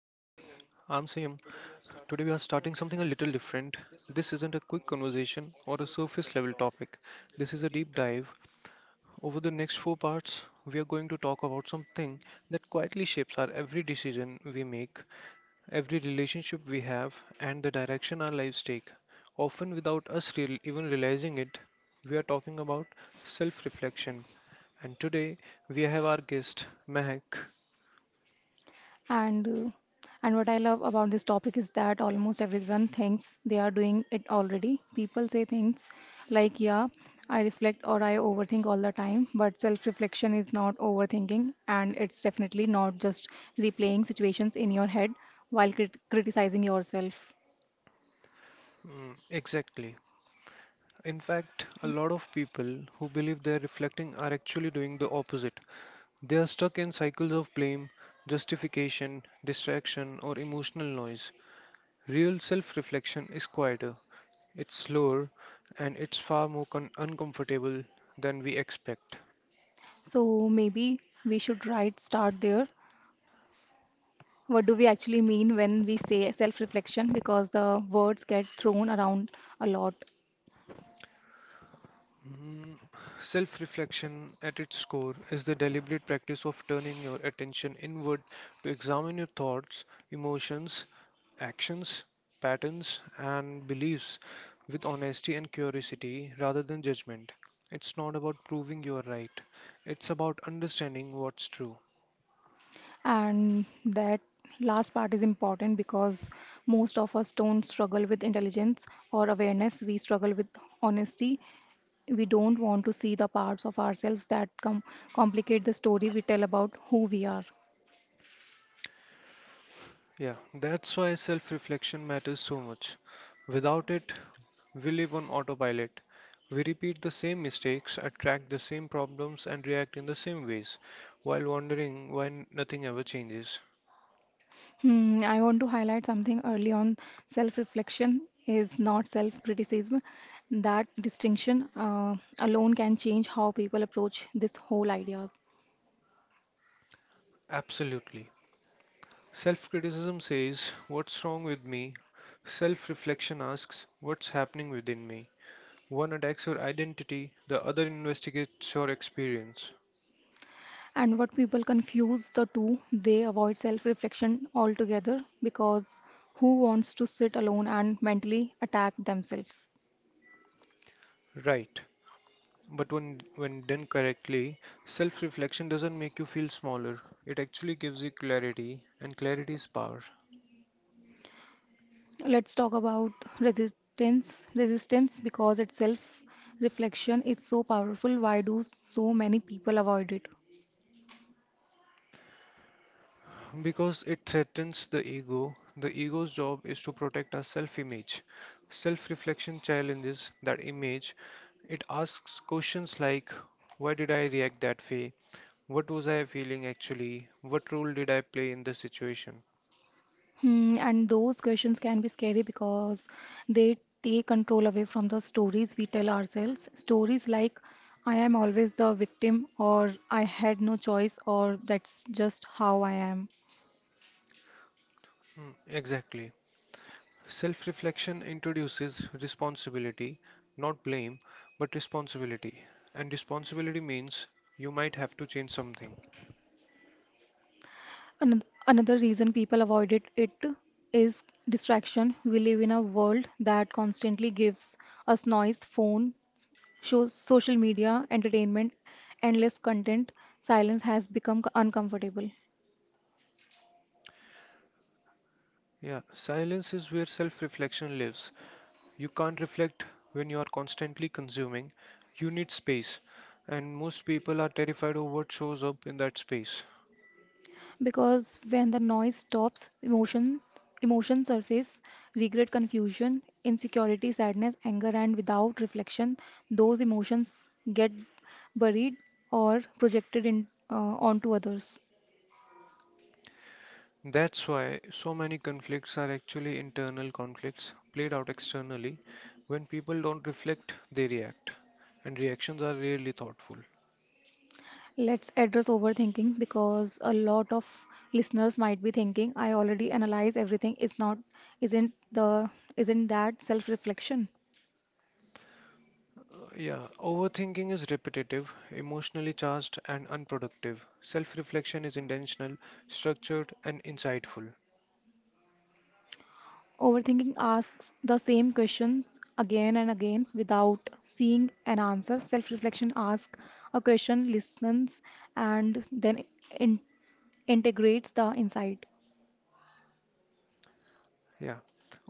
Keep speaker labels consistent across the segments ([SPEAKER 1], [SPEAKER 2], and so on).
[SPEAKER 1] I'm Sam. Today we are starting something a little different. This isn't a quick conversation or a surface level topic. This is a deep dive. Over the next four parts, we are going to talk about something that quietly shapes our every decision we make, every relationship we have, and the direction our lives take. Often without us even realizing it, we are talking about self reflection. And today we have our guest, Mehak.
[SPEAKER 2] And uh, and what I love about this topic is that almost everyone thinks they are doing it already. People say things like, "Yeah, I reflect or I overthink all the time," but self-reflection is not overthinking, and it's definitely not just replaying situations in your head while criticizing yourself.
[SPEAKER 1] Mm, exactly. In fact, a lot of people who believe they're reflecting are actually doing the opposite. They are stuck in cycles of blame, justification, distraction, or emotional noise. Real self reflection is quieter, it's slower, and it's far more uncomfortable than we expect.
[SPEAKER 2] So maybe we should start there. What do we actually mean when we say self-reflection? Because the words get thrown around a lot.
[SPEAKER 1] Mm, Self reflection at its core is the deliberate practice of turning your attention inward to examine your thoughts, emotions, actions, patterns, and beliefs with honesty and curiosity rather than judgment. It's not about proving you are right, it's about understanding what's true.
[SPEAKER 2] And that last part is important because most of us don't struggle with intelligence or awareness. We struggle with honesty. We don't want to see the parts of ourselves that complicate the story we tell about who we are.
[SPEAKER 1] Yeah, that's why self reflection matters so much. Without it, we live on autopilot. We repeat the same mistakes, attract the same problems, and react in the same ways while wondering why nothing ever changes.
[SPEAKER 2] Hmm, I want to highlight something early on. Self reflection is not self criticism. That distinction alone can change how people approach this whole idea.
[SPEAKER 1] Absolutely. Self criticism says, "What's wrong with me?" Self reflection asks, "What's happening within me?" One attacks your identity, the other investigates your experience.
[SPEAKER 2] And what people confuse the two they avoid self-reflection altogether, because who wants to sit alone and mentally attack themselves?
[SPEAKER 1] Right. But when done correctly, self reflection doesn't make you feel smaller. It actually gives you clarity, and clarity is power.
[SPEAKER 2] Let's talk about resistance because its self reflection is so powerful, why do so many people avoid it?
[SPEAKER 1] Because it threatens the ego, the ego's job is to protect our self image. Self reflection challenges that image. It asks questions like, "Why did I react that way? What was I feeling actually? What role did I play in this situation?"
[SPEAKER 2] Hmm, and those questions can be scary because they take control away from the stories we tell ourselves. Stories like, I am always the victim, or I had no choice, or that's just how I am.
[SPEAKER 1] Mm, exactly. Self reflection introduces responsibility, not blame, but responsibility. And responsibility means you might have to change something.
[SPEAKER 2] Another reason people avoided it is distraction. We live in a world that constantly gives us noise, phone, shows, social media, entertainment, endless content. Silence has become uncomfortable.
[SPEAKER 1] Yeah, silence is where self reflection lives. You can't reflect when you are constantly consuming, you need space. And most people are terrified of what shows up in that space.
[SPEAKER 2] Because when the noise stops, emotion surface, regret, confusion, insecurity, sadness, anger, and without reflection, those emotions get buried or projected in onto others.
[SPEAKER 1] That's why so many conflicts are actually internal conflicts played out externally. When people don't reflect, they react, and reactions are rarely thoughtful.
[SPEAKER 2] Let's address overthinking because a lot of listeners might be thinking, I already analyze everything. It's not, isn't the, isn't that self-reflection?
[SPEAKER 1] Yeah, overthinking is repetitive, emotionally charged, and unproductive. Self reflection is intentional, structured, and insightful.
[SPEAKER 2] Overthinking asks the same questions again and again without seeing an answer. Self reflection asks a question, listens, and then in- integrates the insight.
[SPEAKER 1] Yeah.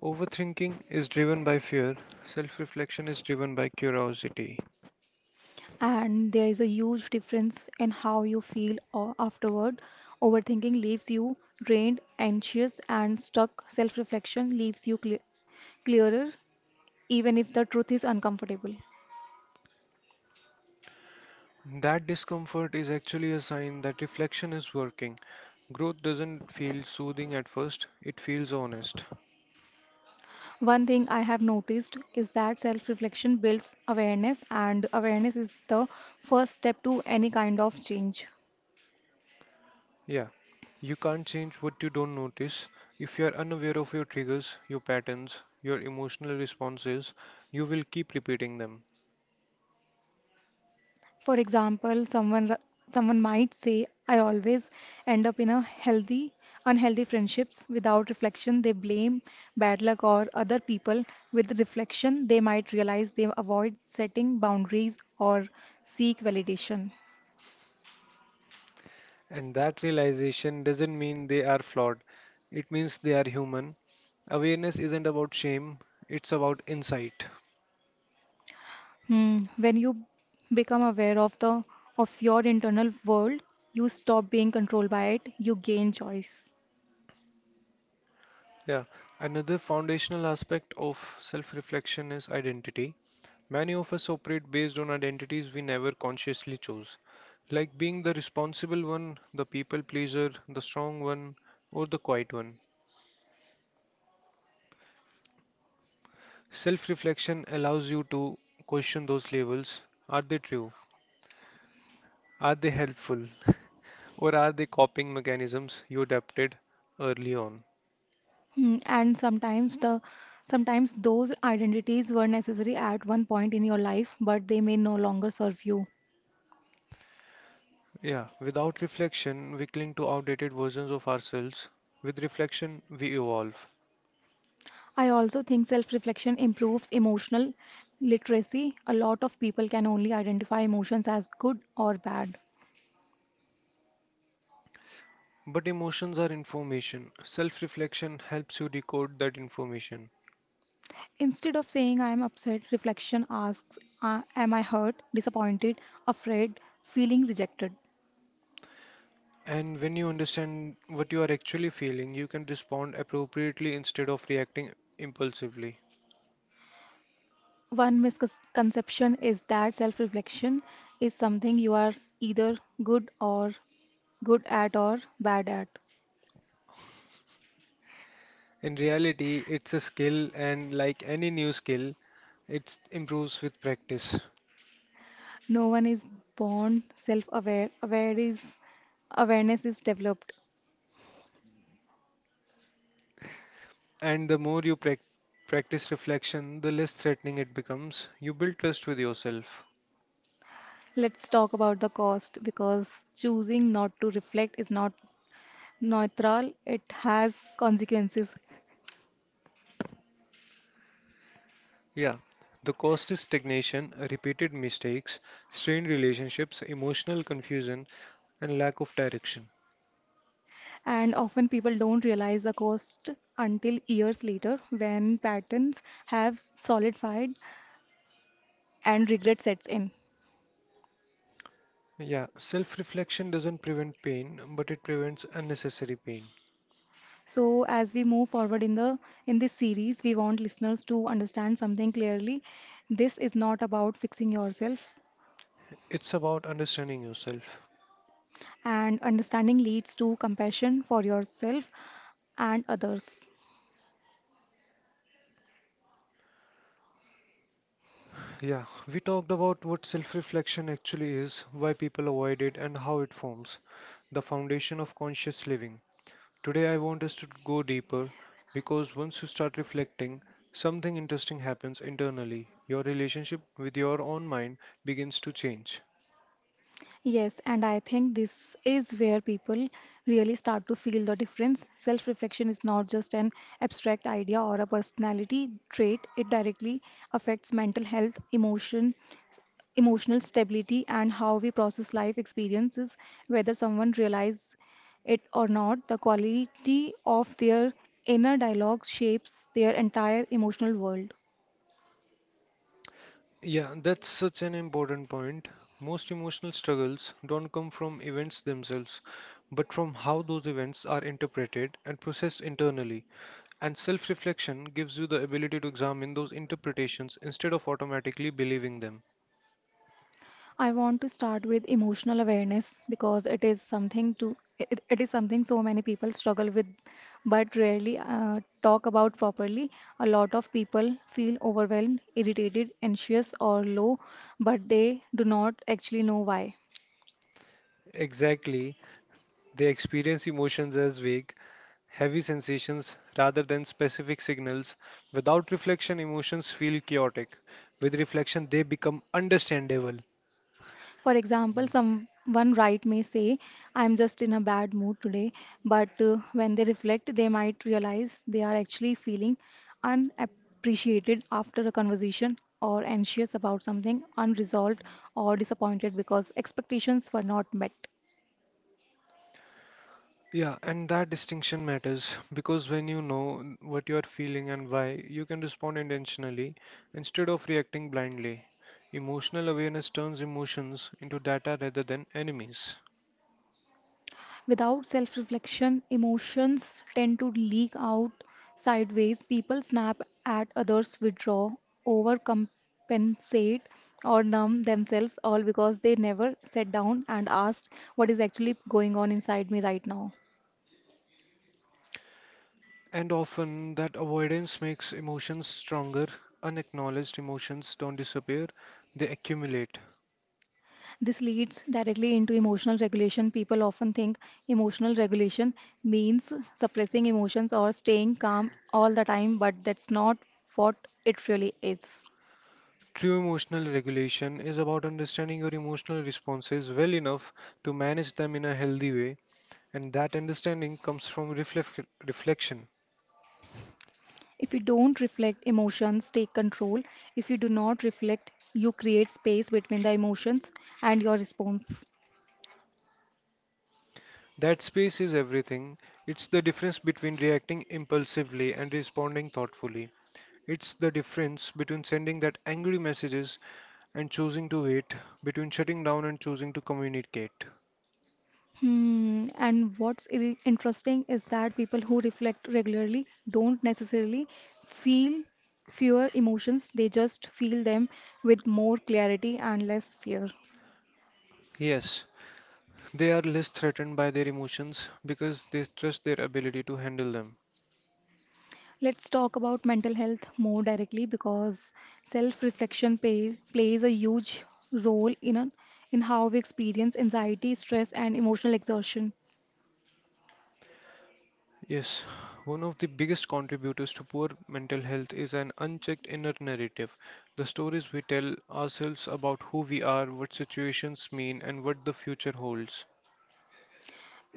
[SPEAKER 1] Overthinking is driven by fear, self reflection is driven by curiosity.
[SPEAKER 2] And there is a huge difference in how you feel afterward. Overthinking leaves you drained, anxious, and stuck. Self reflection leaves you clearer, even if the truth is uncomfortable.
[SPEAKER 1] That discomfort is actually a sign that reflection is working. Growth doesn't feel soothing at first, it feels honest.
[SPEAKER 2] One thing I have noticed is that self reflection builds awareness, and awareness is the first step to any kind of change.
[SPEAKER 1] Yeah, you can't change what you don't notice. If you are unaware of your triggers, your patterns, your emotional responses, you will keep repeating them.
[SPEAKER 2] For example, someone might say, I always end up in unhealthy friendships without reflection. They blame bad luck or other people. With reflection, they might realize they avoid setting boundaries or seek validation.
[SPEAKER 1] And that realization doesn't mean they are flawed, it means they are human. Awareness isn't about shame, it's about insight.
[SPEAKER 2] Hmm, when you become aware of the of your internal world, you stop being controlled by it, you gain choice.
[SPEAKER 1] Yeah, another foundational aspect of self reflection is identity. Many of us operate based on identities we never consciously chose, like being the responsible one, the people pleaser, the strong one, or the quiet one. Self reflection allows you to question those labels. Are they true? Are they helpful? Or are they coping mechanisms you adapted early on?
[SPEAKER 2] Hmm, and sometimes those identities were necessary at one point in your life, but they may no longer serve you.
[SPEAKER 1] Yeah, without reflection, we cling to outdated versions of ourselves. With reflection, we evolve.
[SPEAKER 2] I also think self-reflection improves emotional literacy. A lot of people can only identify emotions as good or bad.
[SPEAKER 1] But emotions are information. Self reflection helps you decode that information.
[SPEAKER 2] Instead of saying I am upset, reflection asks, am I hurt, disappointed, afraid, feeling rejected?
[SPEAKER 1] And when you understand what you are actually feeling, you can respond appropriately instead of reacting impulsively.
[SPEAKER 2] One misconception is that self reflection is something you are either good or good at or bad at.
[SPEAKER 1] In reality, it's a skill, and like any new skill, it improves with practice.
[SPEAKER 2] No one is born self aware. Aware is awareness is developed.
[SPEAKER 1] And the more you practice reflection, the less threatening it becomes. You build trust with yourself.
[SPEAKER 2] Let's talk about the cost because choosing not to reflect is not neutral, it has consequences.
[SPEAKER 1] Yeah, the cost is stagnation, repeated mistakes, strained relationships, emotional confusion, and lack of direction.
[SPEAKER 2] And often people don't realize the cost until years later when patterns have solidified and regret sets in.
[SPEAKER 1] Yeah, self reflection doesn't prevent pain, but it prevents unnecessary pain.
[SPEAKER 2] So as we move forward in the in this series, we want listeners to understand something clearly. This is not about fixing yourself,
[SPEAKER 1] It's about understanding yourself.
[SPEAKER 2] and understanding leads to compassion for yourself and others.
[SPEAKER 1] Yeah, we talked about what self reflection actually is, why people avoid it, and how it forms the foundation of conscious living. Today, I want us to go deeper because once you start reflecting, something interesting happens internally. Your relationship with your own mind begins to change.
[SPEAKER 2] Yes, and I think this is where people really start to feel the difference. Self reflection is not just an abstract idea or a personality trait, it directly affects mental health, emotional stability and how we process life experiences, whether someone realizes it or not, the quality of their inner dialogue shapes their entire emotional world.
[SPEAKER 1] Yeah, that's such an important point. Most emotional struggles don't come from events themselves, but from how those events are interpreted and processed internally. And self reflection gives you the ability to examine those interpretations instead of automatically believing them.
[SPEAKER 2] I want to start with emotional awareness because it is it is something so many people struggle with but rarely talk about properly. A lot of people feel overwhelmed, irritated, anxious or low, but they do not actually know why.
[SPEAKER 1] Exactly. They experience emotions as vague, heavy sensations rather than specific signals. Without reflection, emotions feel chaotic. With reflection, they become understandable.
[SPEAKER 2] For example, someone may say, I'm just in a bad mood today, but when they reflect, they might realize they are actually feeling unappreciated after a conversation or anxious about something unresolved or disappointed because expectations were not met.
[SPEAKER 1] Yeah, and that distinction matters because when you know what you are feeling and why, you can respond intentionally instead of reacting blindly. Emotional awareness turns emotions into data rather than enemies.
[SPEAKER 2] Without self reflection, emotions tend to leak out sideways. People snap at others, withdraw, overcompensate, or numb themselves, all because they never sat down and asked what is actually going on inside me right now.
[SPEAKER 1] And often, that avoidance makes emotions stronger. Unacknowledged emotions don't disappear, they accumulate.
[SPEAKER 2] This leads directly into emotional regulation. People often think emotional regulation means suppressing emotions or staying calm all the time, but that's not what it really is.
[SPEAKER 1] True emotional regulation is about understanding your emotional responses well enough to manage them in a healthy way, and that understanding comes from reflection.
[SPEAKER 2] If you don't reflect, emotions take control. If you do not reflect, you create space between the emotions and your response.
[SPEAKER 1] That space is everything. It's the difference between reacting impulsively and responding thoughtfully. It's the difference between sending that angry messages and choosing to wait, between shutting down and choosing to communicate.
[SPEAKER 2] Hmm. And what's interesting is that people who reflect regularly don't necessarily feel fewer emotions, they just feel them with more clarity and less fear.
[SPEAKER 1] Yes, they are less threatened by their emotions because they trust their ability to handle them.
[SPEAKER 2] Let's talk about mental health more directly because plays a huge role in in how we experience anxiety, stress, and emotional exhaustion.
[SPEAKER 1] Yes, one of the biggest contributors to poor mental health is an unchecked inner narrative. The stories we tell ourselves about who we are, what situations mean, and what the future holds.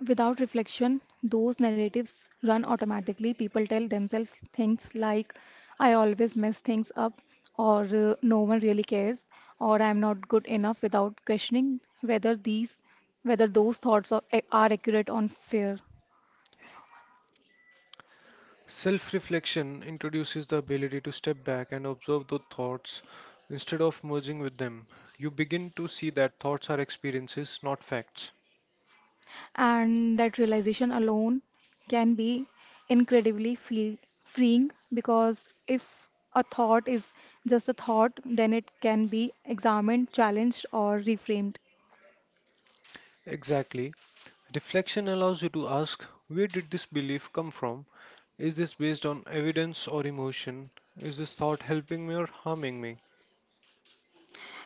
[SPEAKER 2] Without reflection, those narratives run automatically. People tell themselves things like, I always mess things up, or no one really cares, or I'm not good enough without questioning whether those thoughts are, are accurate on fear.
[SPEAKER 1] Self reflection introduces the ability to step back and observe the thoughts instead of merging with them. You begin to see that thoughts are experiences, not facts.
[SPEAKER 2] And that realization alone can be incredibly freeing because if a thought is just a thought, then it can be examined, challenged, or reframed.
[SPEAKER 1] Exactly. Reflection allows you to ask, where did this belief come from? Is this based on evidence or emotion? Is this thought helping me or harming me?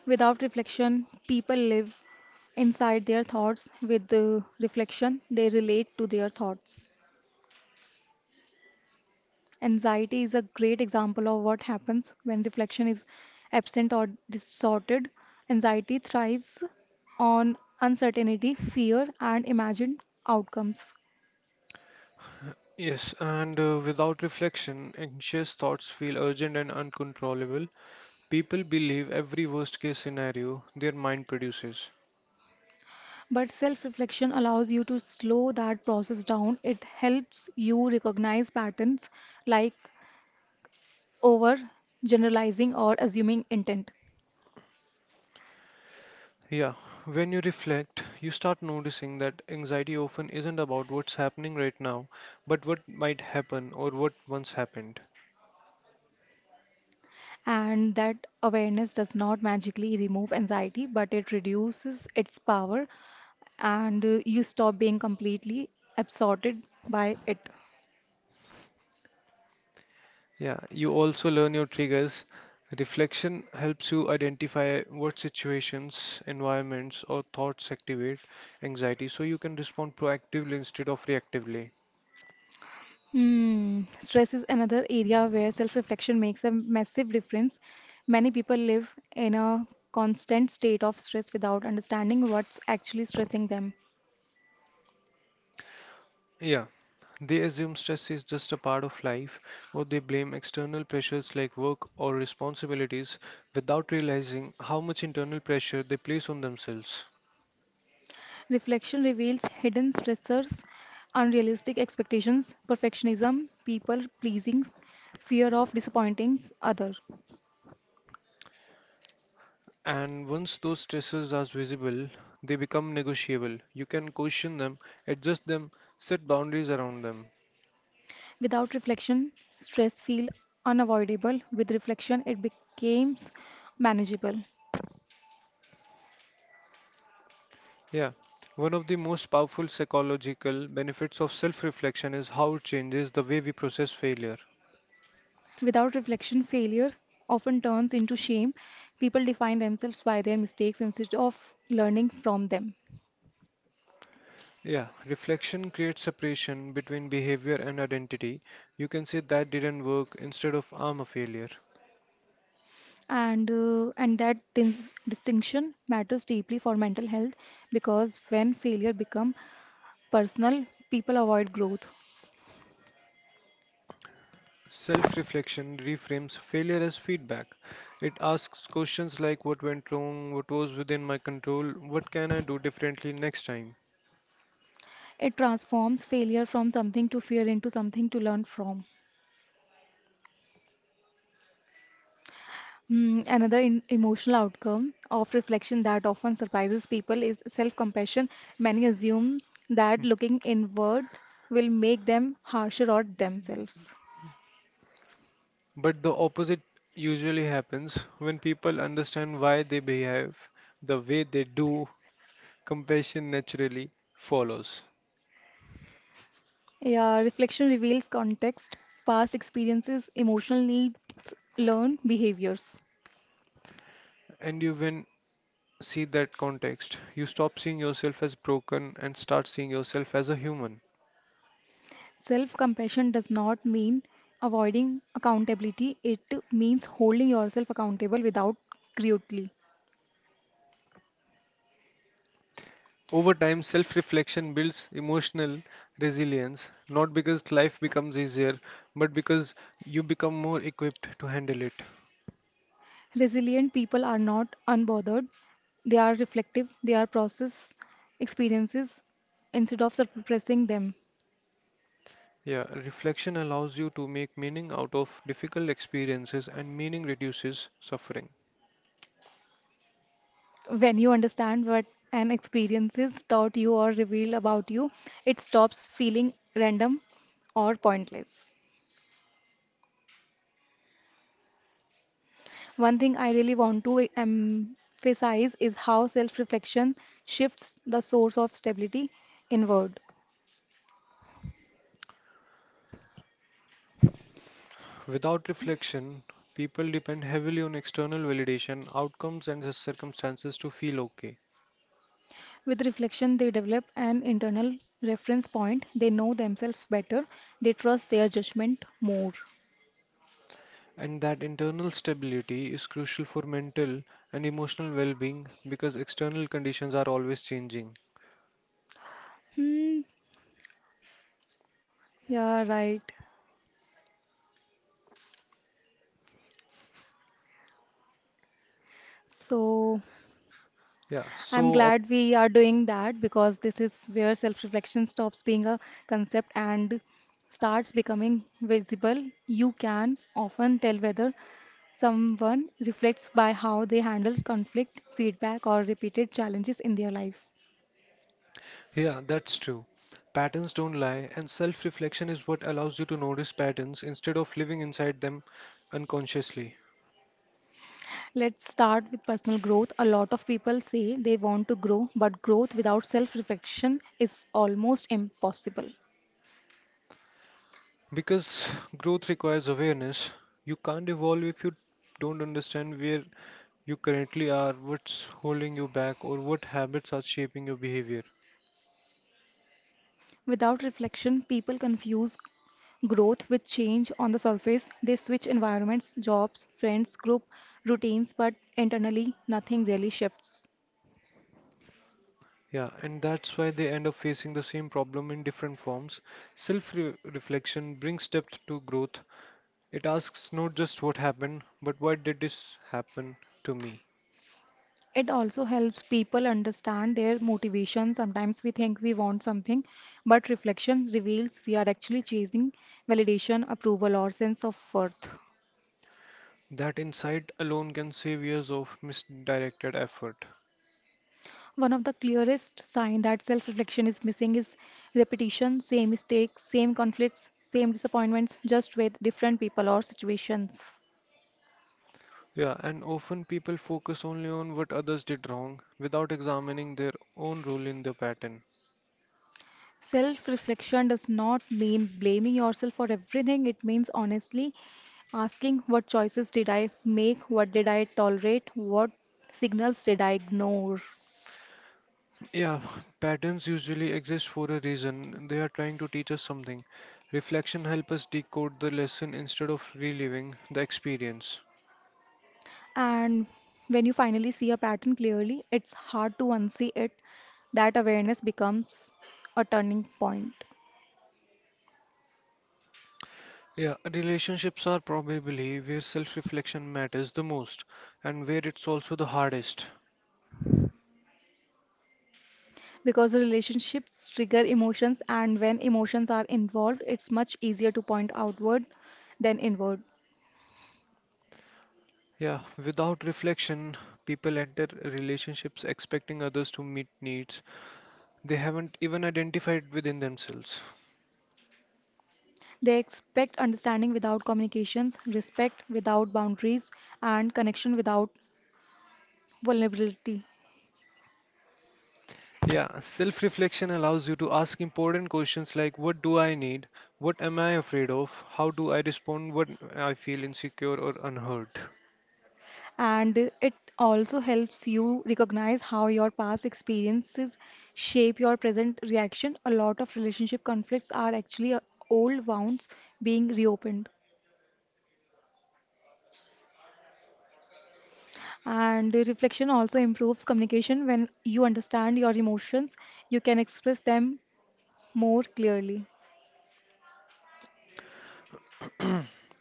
[SPEAKER 2] Without reflection, people live inside their thoughts. With the reflection, they relate to their thoughts. Anxiety is a great example of what happens when reflection is absent or distorted. Anxiety thrives on uncertainty, fear, and imagined outcomes.
[SPEAKER 1] Yes, and without reflection, anxious thoughts feel urgent and uncontrollable. People believe every worst case scenario their mind produces.
[SPEAKER 2] But self reflection allows you to slow that process down. It helps you recognize patterns like over generalizing or assuming intent.
[SPEAKER 1] Yeah, when you reflect, you start noticing that anxiety often isn't about what's happening right now, but what might happen or what once happened.
[SPEAKER 2] And that awareness does not magically remove anxiety, but it reduces its power and you stop being completely absorbed by it.
[SPEAKER 1] Yeah, you also learn your triggers. Reflection helps you identify what situations, environments, or thoughts activate anxiety so you can respond proactively instead of reactively.
[SPEAKER 2] Hmm. Stress is another area where self reflection makes a massive difference. Many people live in a constant state of stress without understanding what's actually stressing them.
[SPEAKER 1] Yeah, they assume stress is just a part of life, or they blame external pressures like work or responsibilities without realizing how much internal pressure they place on themselves.
[SPEAKER 2] Reflection reveals hidden stressors, unrealistic expectations, perfectionism, people pleasing, fear of disappointing others.
[SPEAKER 1] And once those stresses are visible, they become negotiable. You can question them, adjust them, set boundaries around them.
[SPEAKER 2] Without reflection, stress feels unavoidable. With reflection, it becomes manageable.
[SPEAKER 1] Yeah. One of the most powerful psychological benefits of self reflection is how it changes the way we process failure.
[SPEAKER 2] Without reflection, failure often turns into shame. People define themselves by their mistakes instead of learning from them.
[SPEAKER 1] Yeah, reflection creates separation between behavior and identity. You can say that didn't work instead of I'm a failure.
[SPEAKER 2] And that distinction matters deeply for mental health because when failure become personal, people avoid growth.
[SPEAKER 1] Self reflection reframes failure as feedback. It asks questions like what went wrong, what was within my control, what can I do differently next time.
[SPEAKER 2] It transforms failure from something to fear into something to learn from. Mm, another emotional outcome of reflection that often surprises people is self compassion. Many assume that looking inward will make them harsher on themselves.
[SPEAKER 1] But the opposite usually happens when people understand why they behave the way they do, compassion naturally follows.
[SPEAKER 2] Yeah, reflection reveals context, past experiences, emotional needs, learned behaviors.
[SPEAKER 1] And you, when see that context, you stop seeing yourself as broken and start seeing yourself as a human.
[SPEAKER 2] Self compassion does not mean avoiding accountability, it means holding yourself accountable without cruelty.
[SPEAKER 1] Over time, self reflection builds emotional resilience, not because life becomes easier, but because you become more equipped to handle it.
[SPEAKER 2] Resilient people are not unbothered, they are reflective, they are process experiences instead of suppressing them.
[SPEAKER 1] Yeah, reflection allows you to make meaning out of difficult experiences, and meaning reduces suffering.
[SPEAKER 2] When you understand what an experience is taught you or revealed about you, it stops feeling random or pointless. One thing I really want to emphasize is how self reflection shifts the source of stability inward.
[SPEAKER 1] Without reflection, people depend heavily on external validation, outcomes, and the circumstances to feel okay.
[SPEAKER 2] With reflection, they develop an internal reference point, they know themselves better, they trust their judgment more.
[SPEAKER 1] And that internal stability is crucial for mental and emotional well being because external conditions are always changing.
[SPEAKER 2] Hmm, yeah, right. So
[SPEAKER 1] Yeah,
[SPEAKER 2] I'm
[SPEAKER 1] so up.
[SPEAKER 2] glad we are doing that because this is where self reflection stops being a concept and starts becoming visible. You can often tell whether someone reflects by how they handle conflict, feedback, or repeated challenges in their life.
[SPEAKER 1] Yeah, that's true. Patterns don't lie, and self reflection is what allows you to notice patterns instead of living inside them unconsciously.
[SPEAKER 2] Let's start with personal growth. A lot of people say they want to grow, but growth without self reflection is almost impossible.
[SPEAKER 1] Because growth requires awareness, you can't evolve if you don't understand where you currently are, what's holding you back, or what habits are shaping your behavior.
[SPEAKER 2] Without reflection, people confuse growth with change on the surface. They switch environments, jobs, friends, group, routines, but internally, nothing really shifts.
[SPEAKER 1] Yeah, and that's why they end up facing the same problem in different forms. Self reflection brings depth to growth. It asks not just what happened, but why did this happen to me?
[SPEAKER 2] It also helps people understand their motivation. Sometimes we think we want something, but reflection reveals we are actually chasing validation, approval, or sense of worth.
[SPEAKER 1] That insight alone can save years of misdirected effort.
[SPEAKER 2] One of the clearest signs that self-reflection is missing is repetition, same mistakes, same conflicts, same disappointments, just with different people or situations.
[SPEAKER 1] Yeah, and often people focus only on what others did wrong without examining their own role in the pattern.
[SPEAKER 2] Self reflection does not mean blaming yourself for everything. It means honestly asking what choices did I make, what did I tolerate, what signals did I ignore.
[SPEAKER 1] Yeah, patterns usually exist for a reason. They are trying to teach us something. Reflection helps us decode the lesson instead of reliving the experience.
[SPEAKER 2] And when you finally see a pattern clearly, it's hard to unsee it. That awareness becomes a turning point
[SPEAKER 1] Yeah, relationships are probably where self reflection matters the most and where it's also the hardest.
[SPEAKER 2] because relationships trigger emotions, and when emotions are involved, it's much easier to point outward than inward.
[SPEAKER 1] Yeah, without reflection, people enter relationships expecting others to meet needs they haven't even identified within themselves.
[SPEAKER 2] They expect understanding without communications, respect without boundaries, and connection without vulnerability.
[SPEAKER 1] Yeah, self reflection allows you to ask important questions like what do I need? What am I afraid of? How do I respond when I feel insecure or unheard?
[SPEAKER 2] And it also helps you recognize how your past experiences shape your present reaction. A lot of relationship conflicts are actually old wounds being reopened. And reflection also improves communication. When you understand your emotions, you can express them more clearly.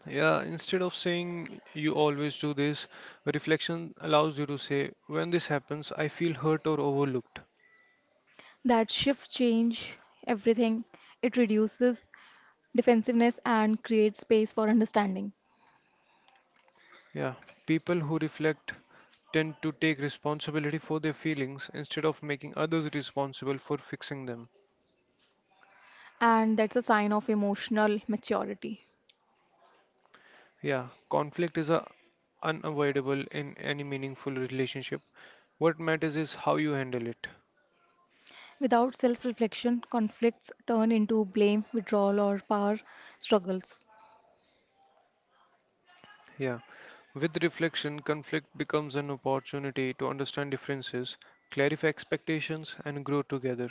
[SPEAKER 1] Yeah, instead of saying you always do this, reflection allows you to say when this happens, I feel hurt or overlooked.
[SPEAKER 2] That shift change everything. It reduces defensiveness and create space for understanding.
[SPEAKER 1] Yeah, people who reflect tend to take responsibility for their feelings instead of making others responsible for fixing them.
[SPEAKER 2] And that's a sign of emotional maturity.
[SPEAKER 1] Yeah, conflict is a unavoidable in any meaningful relationship. What matters is how you handle it.
[SPEAKER 2] Without self reflection, conflicts turn into blame, withdrawal, or power struggles.
[SPEAKER 1] Yeah. With reflection, conflict becomes an opportunity to understand differences, clarify expectations, and grow together.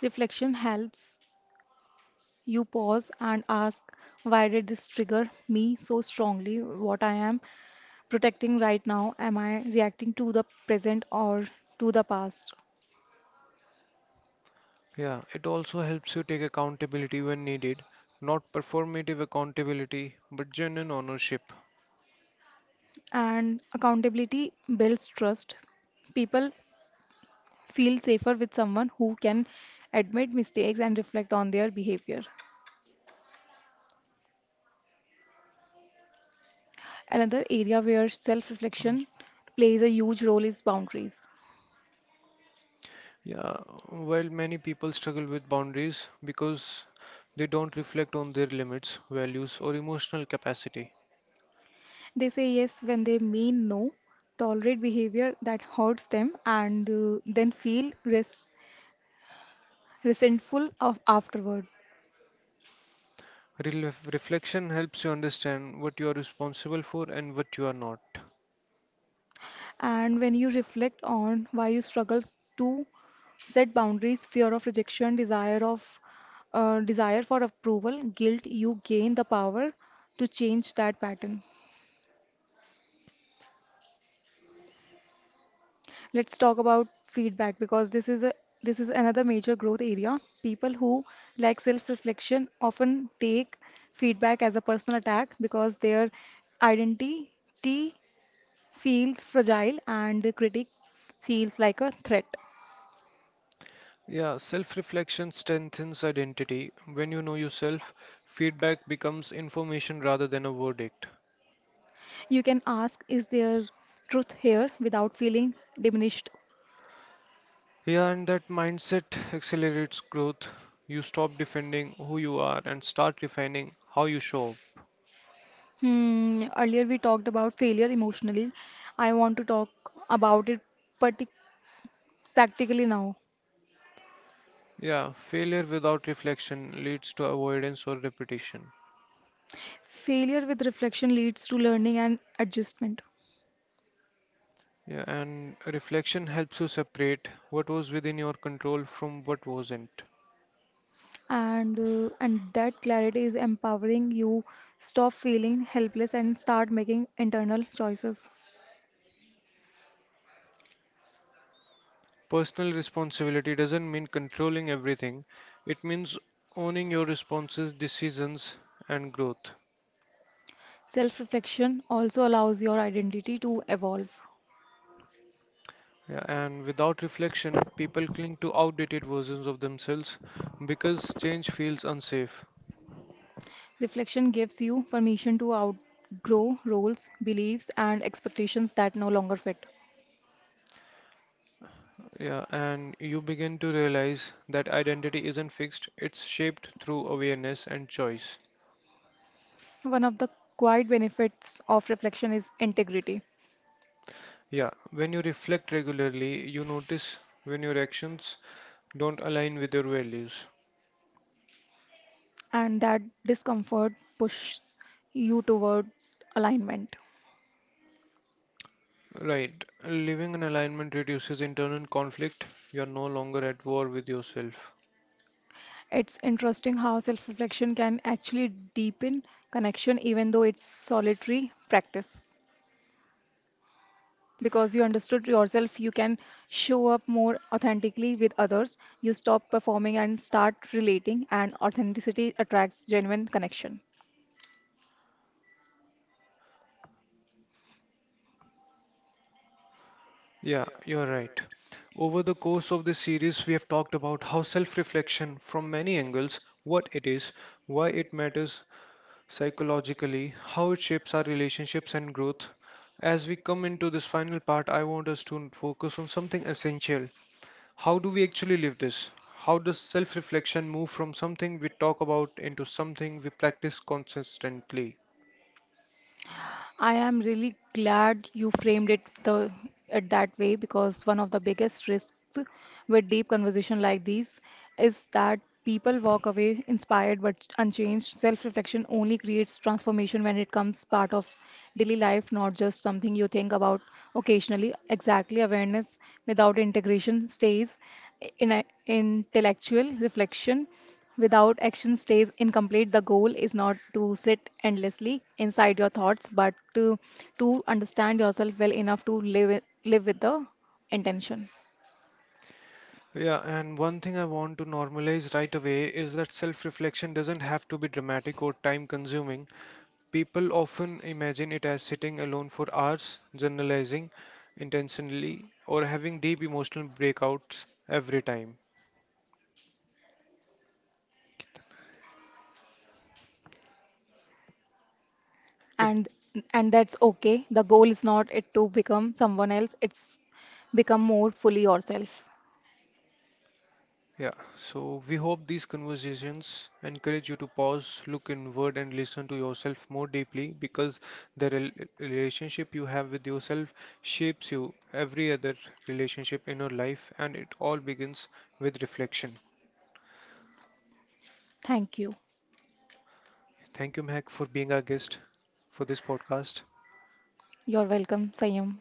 [SPEAKER 2] Reflection helps you pause and ask, why did this trigger me so strongly? What I am protecting right now? Am I reacting to the present or to the past?
[SPEAKER 1] Yeah, it also helps you take accountability when needed, not performative accountability, but genuine ownership.
[SPEAKER 2] And accountability builds trust. People feel safer with someone who can admit mistakes and reflect on their behavior. Another area where self reflection plays a huge role is boundaries.
[SPEAKER 1] Yeah, well, many people struggle with boundaries because they don't reflect on their limits, values, or emotional capacity.
[SPEAKER 2] They say yes when they mean no, tolerate behavior that hurts them, and then feel resentful of afterward.
[SPEAKER 1] Reflection helps you understand what you are responsible for and what you are not.
[SPEAKER 2] And when you reflect on why you struggle to set boundaries, fear of rejection, desire for approval, guilt, you gain the power to change that pattern. Let's talk about feedback because this is another major growth area. People who lack self-reflection often take feedback as a personal attack because their identity feels fragile and the critic feels like a threat.
[SPEAKER 1] Yeah, self reflection strengthens identity. When you know yourself, feedback becomes information rather than a verdict.
[SPEAKER 2] You can ask, is there truth here without feeling diminished?
[SPEAKER 1] Yeah, and that mindset accelerates growth. You stop defending who you are and start refining how you show up.
[SPEAKER 2] Hmm, earlier we talked about failure emotionally. I want to talk about it partic- practically now.
[SPEAKER 1] Yeah, failure without reflection leads to avoidance or repetition.
[SPEAKER 2] Failure with reflection leads to learning and adjustment.
[SPEAKER 1] Yeah, and reflection helps you separate what was within your control from what wasn't.
[SPEAKER 2] And that clarity is empowering, you stop feeling helpless and start making internal choices.
[SPEAKER 1] Personal responsibility doesn't mean controlling everything, it means owning your responses, decisions, and growth.
[SPEAKER 2] Self-reflection also allows your identity to evolve.
[SPEAKER 1] Yeah, and without reflection, people cling to outdated versions of themselves because change feels unsafe.
[SPEAKER 2] Reflection gives you permission to outgrow roles, beliefs, and expectations that no longer fit.
[SPEAKER 1] Yeah, and you begin to realize that identity isn't fixed, it's shaped through awareness and choice.
[SPEAKER 2] One of the quiet benefits of reflection is integrity,
[SPEAKER 1] Yeah, when you reflect regularly, you notice when your actions don't align with your values.
[SPEAKER 2] and that discomfort pushes you toward alignment.
[SPEAKER 1] Right, living in alignment reduces internal conflict. You are no longer at war with yourself.
[SPEAKER 2] It's interesting how self-reflection can actually deepen connection even though it's solitary practice. Because you understood yourself, you can show up more authentically with others. You stop performing and start relating, and authenticity attracts genuine connection.
[SPEAKER 1] Yeah, you're right. Over the course of this series, we have talked about how self reflection, from many angles, what it is, why it matters, psychologically, how it shapes our relationships and growth. As we come into this final part, I want us to focus on something essential. How do we actually live this? How does self reflection move from something we talk about into something we practice consistently?
[SPEAKER 2] I am really glad you framed it that way because one of the biggest risks with deep conversation like these is that people walk away inspired but unchanged. Self-reflection only creates transformation when it comes part of daily life, not just something you think about occasionally. Exactly, awareness without integration stays in intellectual reflection. Without action stays incomplete. The goal is not to sit endlessly inside your thoughts, but to understand yourself well enough to live, live with the intention.
[SPEAKER 1] Yeah, and one thing I want to normalize right away is that self reflection doesn't have to be dramatic or time consuming. People often imagine it as sitting alone for hours, journalizing intentionally, or having deep emotional breakouts every time. If
[SPEAKER 2] And and that's okay. The goal is not it to become someone else, it's become more fully yourself.
[SPEAKER 1] Yeah, so we hope these conversations encourage you to pause, look inward, and listen to yourself more deeply because the relationship you have with yourself shapes you every other relationship in your life, and it all begins with reflection.
[SPEAKER 2] Thank you.
[SPEAKER 1] Thank you, Mehak, for being our guest for this podcast.
[SPEAKER 2] You're welcome, Sayam.